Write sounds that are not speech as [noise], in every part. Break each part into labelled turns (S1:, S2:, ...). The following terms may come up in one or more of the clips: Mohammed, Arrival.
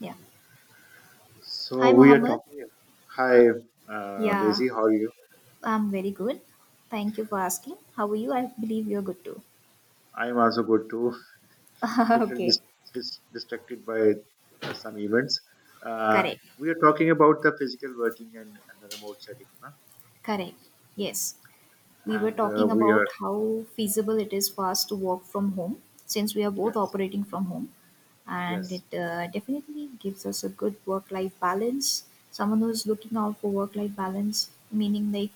S1: Yeah.
S2: So
S1: Hi,
S2: we are
S1: Mohammed.
S2: talking. Hi,
S1: Yeah,
S2: Daisy, how are you?
S1: I'm very good. Thank you for asking. How are you? I believe you're good too.
S2: I'm also good too. Little
S1: [laughs] Okay.
S2: distracted by some events. Uh,
S1: Correct.
S2: we are talking about the physical working and the remote setting, na?
S1: Correct. Yes. We were
S2: And
S1: talking
S2: we
S1: about
S2: are
S1: how feasible it is for us to work from home, since we are both
S2: yes,
S1: operating from home, and
S2: yes,
S1: it definitely gives us a good work life balance. Someone who's looking out for work life balance, meaning, like,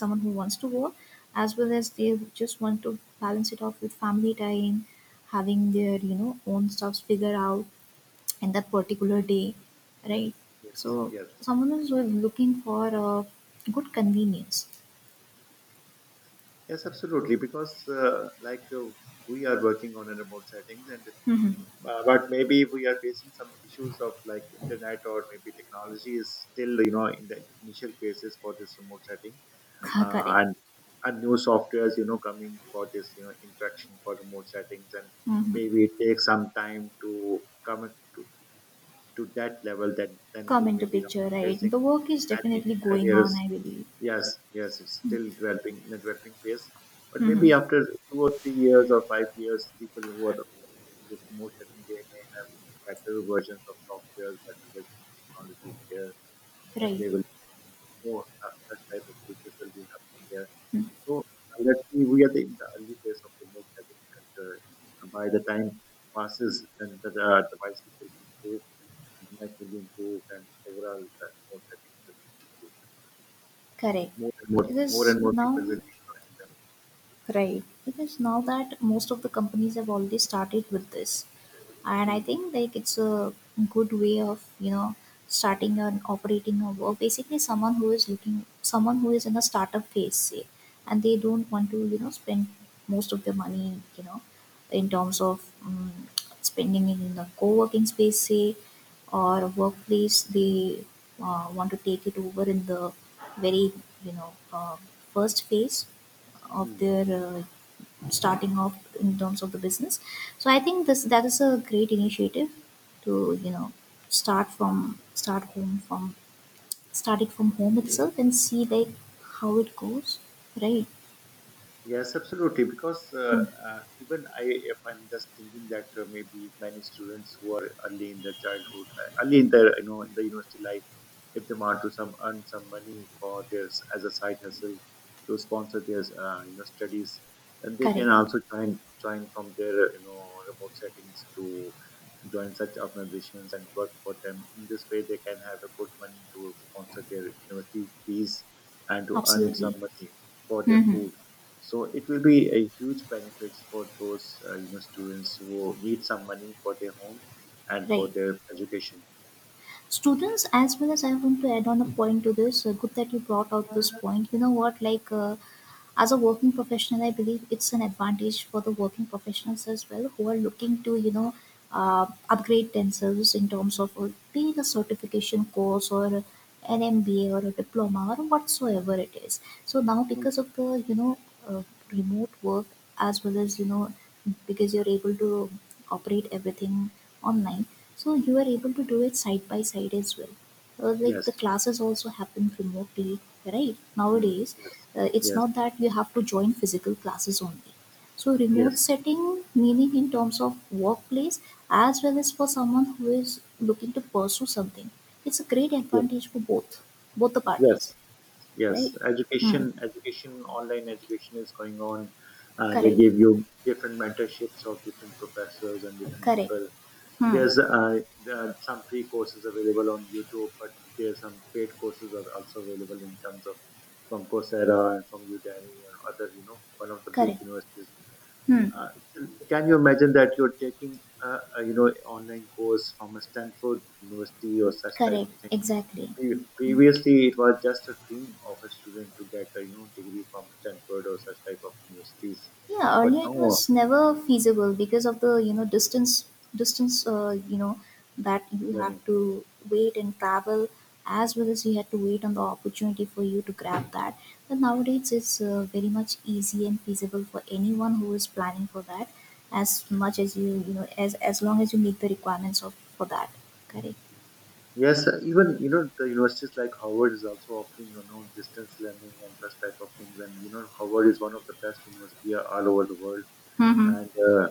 S1: someone who wants to work as well as they just want to balance it off with family time, having their own stuffs figured out in that particular day, right? So
S2: yes, yes,
S1: someone is looking for a good convenience.
S2: yes, absolutely. Because we are working on a remote settings, and
S1: [laughs]
S2: but maybe we are facing some issues of like internet or maybe technology is still you know in the initial phases for this remote setting.
S1: Correct.
S2: uh, and and new softwares you know coming for this you know interaction for remote settings, and
S1: Mhm.
S2: maybe it takes some time to come at- to, to that level that then
S1: Come
S2: we
S1: into
S2: may be not
S1: picture, right?
S2: facing
S1: The work is
S2: any
S1: definitely going
S2: barriers.
S1: on, I believe.
S2: Yes, yes, it's still developing in the developing phase, but maybe
S1: Mhm.
S2: after 2 or 3 years or 5 years people who are this remote setting they may have better versions of software, better versions of technologies there, then
S1: Right.
S2: they will know such, such type of features will be happening there.
S1: Hmm.
S2: So let's see, we are in the early phase of remote settings, and by the time passes, then the devices will be improved, internet will be improved, and overall the remote settings will be improved.
S1: Correct.
S2: More
S1: Because
S2: and more people will
S1: now,
S2: be joining them.
S1: right. Because now that most of the companies have already started with this. And I
S2: Hmm.
S1: think, like, it's a good way of, starting and operating a work, basically. Someone who is looking, someone who is in a startup phase, say, and they don't want to spend most of their money, in terms of spending it in the co-working space, say, or a workplace. They want to take it over in the very, you know uh, first phase of
S2: Hmm.
S1: their starting off in terms of the business. So I think this, that is a great initiative to, you know start from start home from start it from home itself and see, like, how it goes. Right.
S2: Yes, absolutely. Because
S1: Hmm.
S2: even I, if I'm just thinking that maybe many students who are early in their childhood, early in their you know in the university life, if they want to some earn some money for their as a side hustle to sponsor their you know studies, then they can
S1: Correct.
S2: also join from their you know remote settings to join such organizations and work for them. In this way, they can have a good money to sponsor their university fees and to earn some
S1: Absolutely.
S2: money for their
S1: Mm-hmm.
S2: food. So it will be a huge benefits for those you know students who need some money for their home and for
S1: Right.
S2: their education.
S1: Students, as well as, I want to add on a point to this. Good that you brought out this point. You know what, as a working professional, I believe it's an advantage for the working professionals as well, who are looking to, upgrade themselves in terms of being a certification course or an MBA or a diploma or whatsoever it is. So now,
S2: Mm,
S1: because of the, uh, remote work, as well as, because you're able to operate everything online, so you are able to do it side by side as well. Like, the
S2: yes.
S1: classes also happen remotely, right,
S2: Mm,
S1: nowadays.
S2: yes.
S1: It's
S2: Yes.
S1: not that you have to join physical classes only. So, remote
S2: Yes.
S1: setting, meaning, in terms of workplace as well as for someone who is looking to pursue something, it's a great
S2: Yes.
S1: advantage for both, both the
S2: Yes.
S1: parties,
S2: Yes.
S1: right. Hmm.
S2: Education, education, online education is going on. They
S1: Correct.
S2: give you different mentorships of different professors and different
S1: Correct.
S2: people.
S1: Hmm.
S2: There are some free courses available on YouTube, but there are some paid courses are also available in terms of from Coursera and from Udemy and other, you know, one of the big
S1: Correct.
S2: universities. Yeah,
S1: Hmm.
S2: Can you imagine that you're taking a, you know, online course from a Stanford University or such type
S1: Correct.
S2: of things?
S1: Exactly.
S2: Previously, it was just a dream of a student to get a you know degree from Stanford or such type of universities,
S1: Yeah,
S2: but
S1: earlier it
S2: now
S1: was never feasible because of the, distance. distance uh, you know that you have
S2: learning.
S1: to wait and travel, as well as you had to wait on the opportunity for you to grab that. But nowadays it's very much easy and feasible for anyone who is planning for that, as much as you, you know as long as you meet the requirements of for that. Correct.
S2: Yes, even you know the universities like Howard is also offering you know distance learning and such type of things, and you know Howard is one of the best university all over the world,
S1: Mm-hmm.
S2: and uh,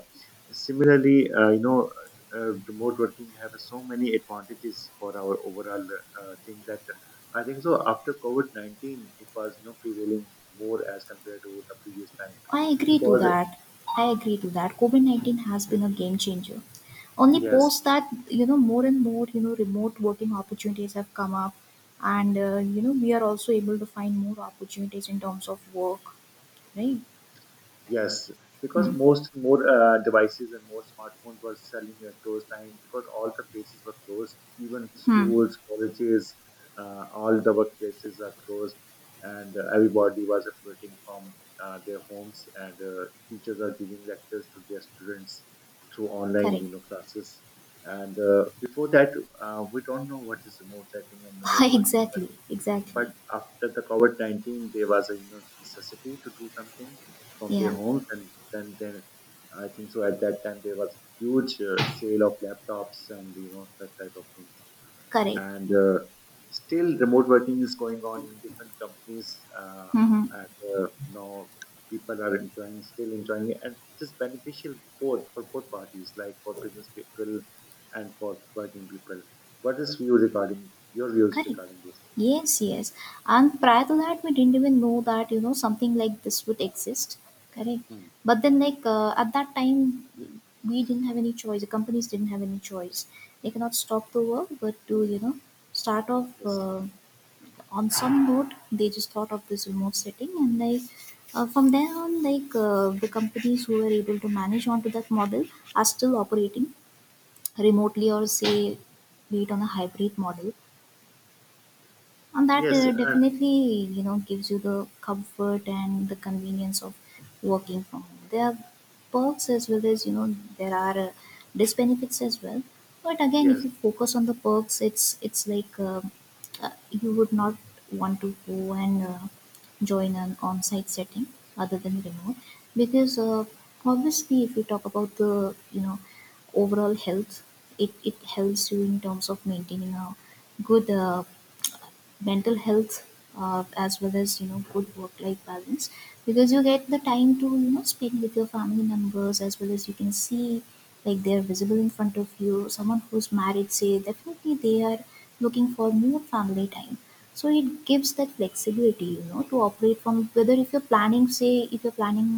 S2: similarly uh, you know remote working have so many advantages for our overall thing that I think so after covid-19 it was you know prevailing more as compared to the previous time.
S1: I agree to
S2: Because
S1: that. I agree to that. COVID COVID-19 has been a game changer. Only
S2: yes,
S1: post that, you know, more and more, you know, remote working opportunities have come up. And, we are also able to find more opportunities in terms of work, right?
S2: yes, because
S1: Hmm.
S2: most more devices and more smartphones were selling at those times because all the places were closed, even
S1: Hmm.
S2: schools, colleges, all the workplaces are closed, and everybody was operating from their homes, and teachers are giving lectures to their students through online,
S1: Correct.
S2: you know, classes. And before that, we don't know what is remote setting and
S1: [laughs]
S2: remote working.
S1: Exactly. Exactly.
S2: But after the COVID 19, there was a you know necessity to do something from their
S1: Yeah.
S2: homes, and then I think so. At that time, there was huge sale of laptops and you know such type of things,
S1: Correct.
S2: and still remote working is going on in different companies.
S1: Mm-hmm.
S2: And Now people are enjoying, still enjoying it, and it is beneficial both for both parties, like for business people and for working people. What is view regarding your views
S1: Correct.
S2: regarding this?
S1: Yes, yes. And prior to that, we didn't even know that, you know, something like this would exist. Correct.
S2: Hmm.
S1: But then, like, at that time, we didn't have any choice. The companies didn't have any choice. They cannot stop the work, but to, you know, start off
S2: Yes.
S1: on some note, they just thought of this remote setting. And, like, from there on, like, the companies who were able to manage onto that model are still operating remotely, or, say, be it on a hybrid model, and that
S2: Yes, and
S1: definitely, you know, gives you the comfort and the convenience of working from home. There are perks, as well as, you know, there are disbenefits as well. But again,
S2: yes,
S1: if you focus on the perks, it's like, you would not want to go and join an on-site setting other than remote, because obviously, if we talk about the, overall health, it helps you in terms of maintaining a good, mental health, as well as, you know, good work life balance, because you get the time to speak with your family members, as well as you can see, like, they are visible in front of you. Someone who's married, say, definitely they are looking for more family time. So it gives that flexibility, to operate from, whether if you're planning, say, if you're planning,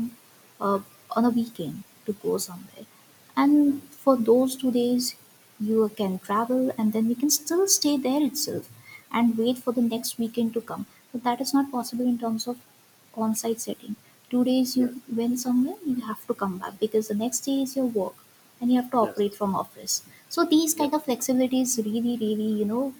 S1: uh, on a weekend to go somewhere, and
S2: mm,
S1: for those 2 days you can travel and then you can still stay there itself and wait for the next weekend to come. But that is not possible in terms of on-site setting. 2 days
S2: yes,
S1: you went somewhere, you have to come back because the next day is your work and you have to
S2: yes,
S1: operate from office. So these
S2: yes,
S1: kind of flexibilities really, really, you know,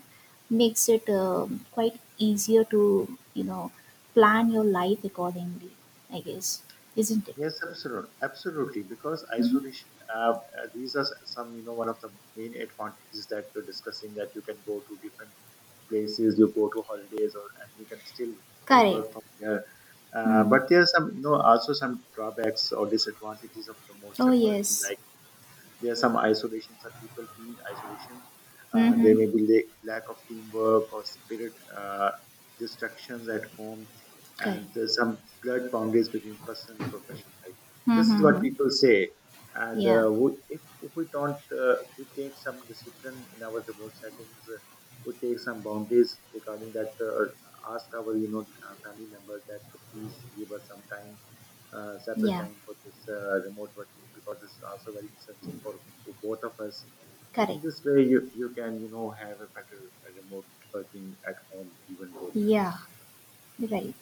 S1: makes it quite easier to, you know, plan your life accordingly, I guess. Isn't it?
S2: yes, absolutely, absolutely. Because
S1: Hmm.
S2: isolation, uh, uh, these are some, you know, one of the main advantages that you're discussing that you can go to different places, you go to holidays, or and you can still
S1: Correct.
S2: work from there.
S1: Hmm.
S2: But there are some, you know, also some drawbacks or disadvantages of remote
S1: Oh,
S2: separating.
S1: yes.
S2: There are some isolations that people feel isolation. There
S1: Hmm.
S2: may be lack of teamwork or spirit, distractions at home,
S1: Correct.
S2: and there's some blurred boundaries between personal and professional life. This is what
S1: Hmm.
S2: people say. And
S1: Yeah.
S2: if we don't, we take some discipline in our remote settings, we take some boundaries regarding that, ask our, you know, family members that please give us some time, separate
S1: Yeah.
S2: time for this remote working because it's also very essential for both of us. So
S1: Correct.
S2: in this way, you can you know have a better remote working at home, even though.
S1: Yeah. Right.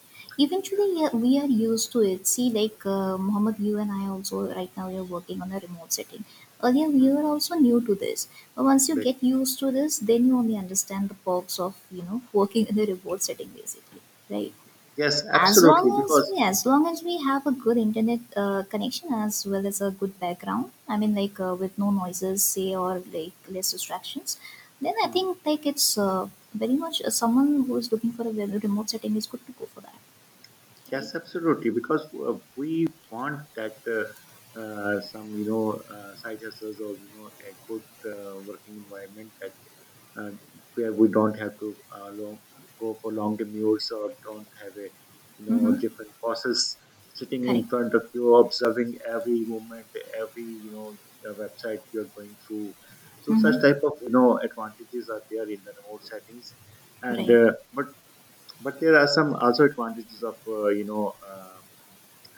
S2: uh,
S1: Eventually, we are used to it. See, like, Mohammed, you and I also, right now, we are working on a remote setting. Earlier, we
S2: hmm,
S1: were also new to this. But once you
S2: make-
S1: get used to this, then you only understand the perks of, working in a remote setting, basically. Right.
S2: Yes, absolutely. Because
S1: As long as we have a good internet connection, as well as a good background. I mean, like, with no noises, say, or, like, less distractions, then I think, like, it's very much, someone who is looking for a very remote setting is good to go for that.
S2: yes,
S1: Right.
S2: absolutely. Because we want that some you know side hustles or you know a good working environment that uh, where we don't have to go for long commutes or don't have a you know
S1: Mm-hmm.
S2: different bosses sitting in
S1: Correct.
S2: front of you observing every movement, every you know website you are going through. So such
S1: Mm-hmm.
S2: type of you know advantages are there in the remote settings, and
S1: Right.
S2: but there are some also advantages of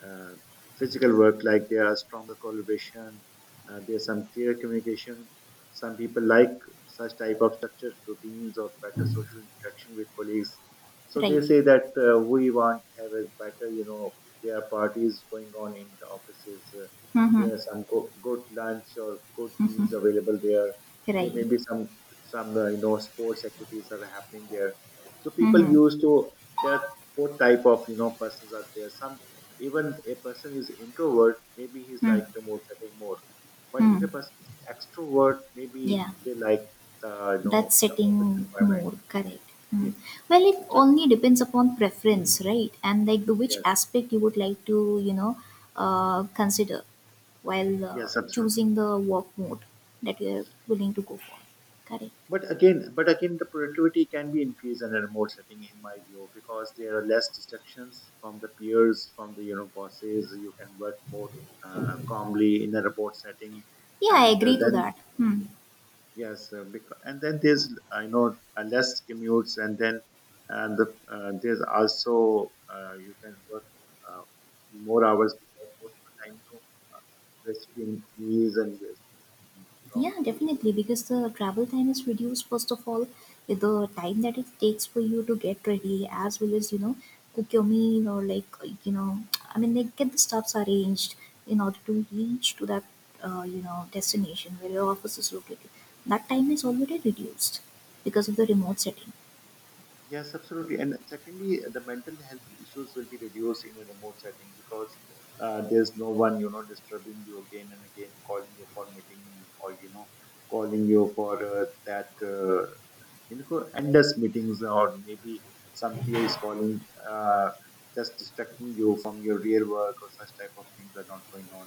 S2: uh, physical work, like there are stronger collaboration, there's some clear communication, some people like such type of structured routines or better social interaction with colleagues. So they
S1: Right.
S2: say that we want to have a better you know there are parties going on in the offices,
S1: Mm-hmm.
S2: there are some good lunch or good meals
S1: Mm-hmm.
S2: available there, there
S1: Right.
S2: may be some you know sports activities that are happening there. So people
S1: Mm-hmm.
S2: used to there are both type of you know persons are there. Some even a person is introvert, maybe he's like remote setting more. But if
S1: Mm-hmm.
S2: a person is extrovert, maybe
S1: Yeah.
S2: they like the you
S1: That
S2: know the office
S1: setting
S2: environment.
S1: more, correct.
S2: Yeah.
S1: Mm. Well, it
S2: So
S1: only depends upon preference, right? And, like, the which
S2: yes,
S1: aspect you would like to, consider while
S2: yes, absolutely.
S1: choosing the work mode that you are willing to go for. Correct.
S2: But again, the productivity can be increased in a remote setting, in my view, because there are less distractions from the peers, from the you know bosses. You can work more calmly in a remote setting,
S1: Yeah, I
S2: and uh,
S1: agree to
S2: then
S1: that. Hmm.
S2: yes, because, and then there's I know less commutes, and and the, there's also you can work uh, more hours because most of the time you know, uh, we're sitting meals and we're sitting long
S1: Yeah,
S2: commute.
S1: definitely, because the travel time is reduced, first of all, with the time that it takes for you to get ready, as well as, you know, cook your meal, or, like, you know, I mean, like, get the stuffs arranged in order to reach to that, destination where your office is located. That time is already reduced because of the remote setting.
S2: Yes, absolutely. And secondly, the mental health issues will be reduced in a remote setting because there's no one you know disturbing you again and again, calling you for meeting or you know calling you for that. You know endless meetings or maybe some peers calling, uh, just distracting you from your real work or such type of things are not going on.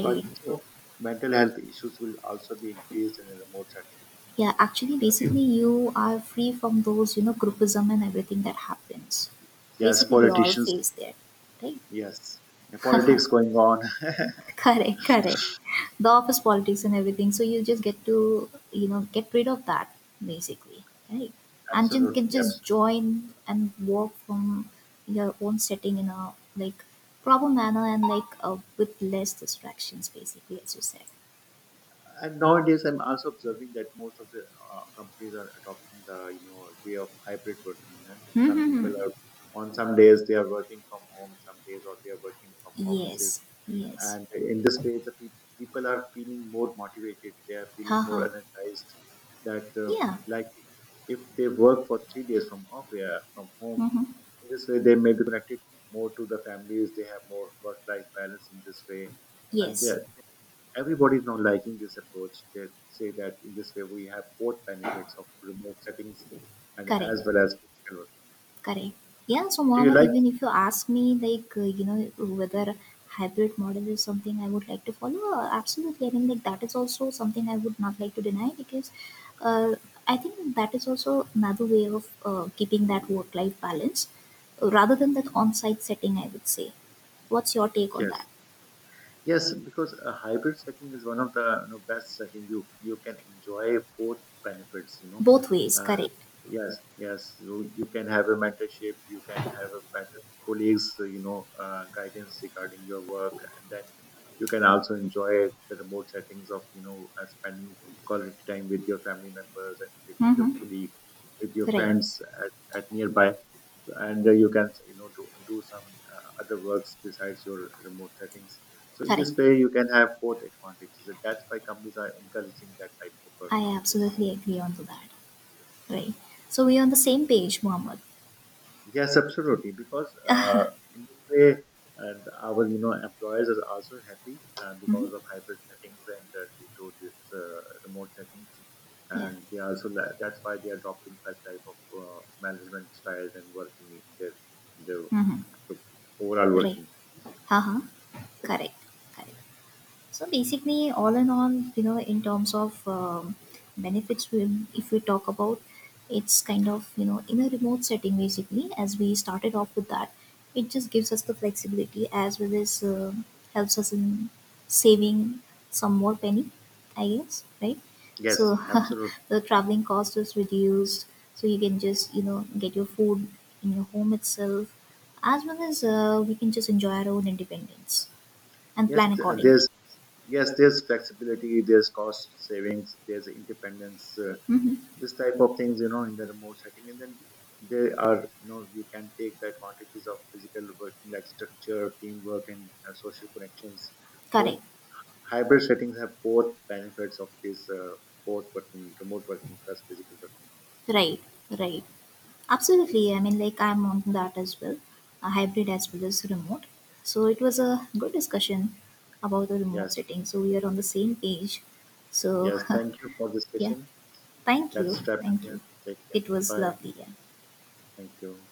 S2: So I think so mental health issues will also be increased in a remote setting.
S1: Yeah, actually,
S2: What do you-
S1: basically, you are free from those, you know, groupism and everything that happens.
S2: yes,
S1: Basically, we all
S2: politicians,
S1: face that, right?
S2: yes, the politics going on.
S1: Correct. Correct. The office politics and everything, so you just get to, get rid of that, basically. Right.
S2: [laughs]
S1: And you can
S2: Absolutely,
S1: just
S2: absolutely.
S1: join and work from your own setting in a, like, proper manner, and, like, with less distractions, basically, as you said.
S2: And nowadays I'm also observing that most of the companies are adopting the you know way of hybrid working, then some
S1: Mm-hmm.
S2: people are on some days they are working from home, some days or they are working from offices,
S1: Yes. Yes.
S2: and in this way the peop people are feeling more motivated, they are feeling
S1: Haha.
S2: more energized that
S1: Yeah.
S2: like if they work for 3 days from off, yeah, from home.
S1: Mm-hmm.
S2: In this way they may be connected more to the families, they have more work life balance in this way, and they
S1: Yes.
S2: everybody is now liking this approach. They say that in this way we have both benefits of remote settings and
S1: Correct.
S2: as well as physical working.
S1: Correct. Yeah, so
S2: Do you
S1: Mohammed,
S2: like?
S1: even if you ask me, like, whether hybrid model is something I would like to follow, absolutely. I mean, like, that is also something I would not like to deny, because uh, I think that is also another way of keeping that work life balance, rather than that on site setting, I would say. What's your take on that?
S2: Yes. Yes, because a hybrid setting is one of the you know best settings. You can enjoy both benefits. You know,
S1: Both ways,
S2: uh,
S1: correct.
S2: yes, yes. So you can have a mentorship. You can have a better colleagues. You know, guidance regarding your work, and then you can also enjoy the remote settings of you know spending quality time with your family members and with your
S1: Mm-hmm.
S2: colleagues, with your
S1: Right,
S2: friends at nearby. So, and you can you know do some other works besides your remote settings. So in
S1: correct.
S2: this way, you can have both advantages, and that's why companies are encouraging that type of work
S1: I
S2: nowadays.
S1: absolutely agree on to that. Right. So we are on the same page, Mohammed.
S2: Yes, absolutely, because
S1: [laughs]
S2: in this way, our you know employers are also happy
S1: Hmm.
S2: because of hybrid settings and due to this remote settings,
S1: Yeah.
S2: and they also that's why they are adopting such type of management styles and working in their
S1: Hmm.
S2: overall
S1: Right.
S2: working.
S1: Haha. Correct. Correct. So basically, all in all, you know, in terms of, benefits, if we talk about, it's kind of, in a remote setting, basically. As we started off with that, it just gives us the flexibility, as well as helps us in saving some more penny, I guess, right?
S2: Yes,
S1: So
S2: absolutely.
S1: [laughs] the traveling cost is reduced, so you can just, get your food in your home itself, as well as we can just enjoy our own independence and
S2: Yes,
S1: plan
S2: th- and there's
S1: accordingly.
S2: yes there's flexibility, there's cost savings, there's independence,
S1: Mhm.
S2: this type of things you know in the remote setting. And then there are you know you can take the advantages of physical working like structure teamwork and social connections. So it,
S1: Correct.
S2: hybrid settings have both benefits of this both working remote working plus physical working.
S1: Right. Right. Absolutely. I mean, like, I'm on that as well, a hybrid as well as remote. So it was a good discussion about the remote
S2: Yes,
S1: setting. So we are on the same page. So
S2: yes, thank you for this
S1: [laughs] yeah,
S2: session.
S1: thank
S2: Let's
S1: you,
S2: wrap it
S1: thank
S2: here.
S1: you.
S2: Take care.
S1: It was
S2: Bye.
S1: lovely. Yeah.
S2: Thank you.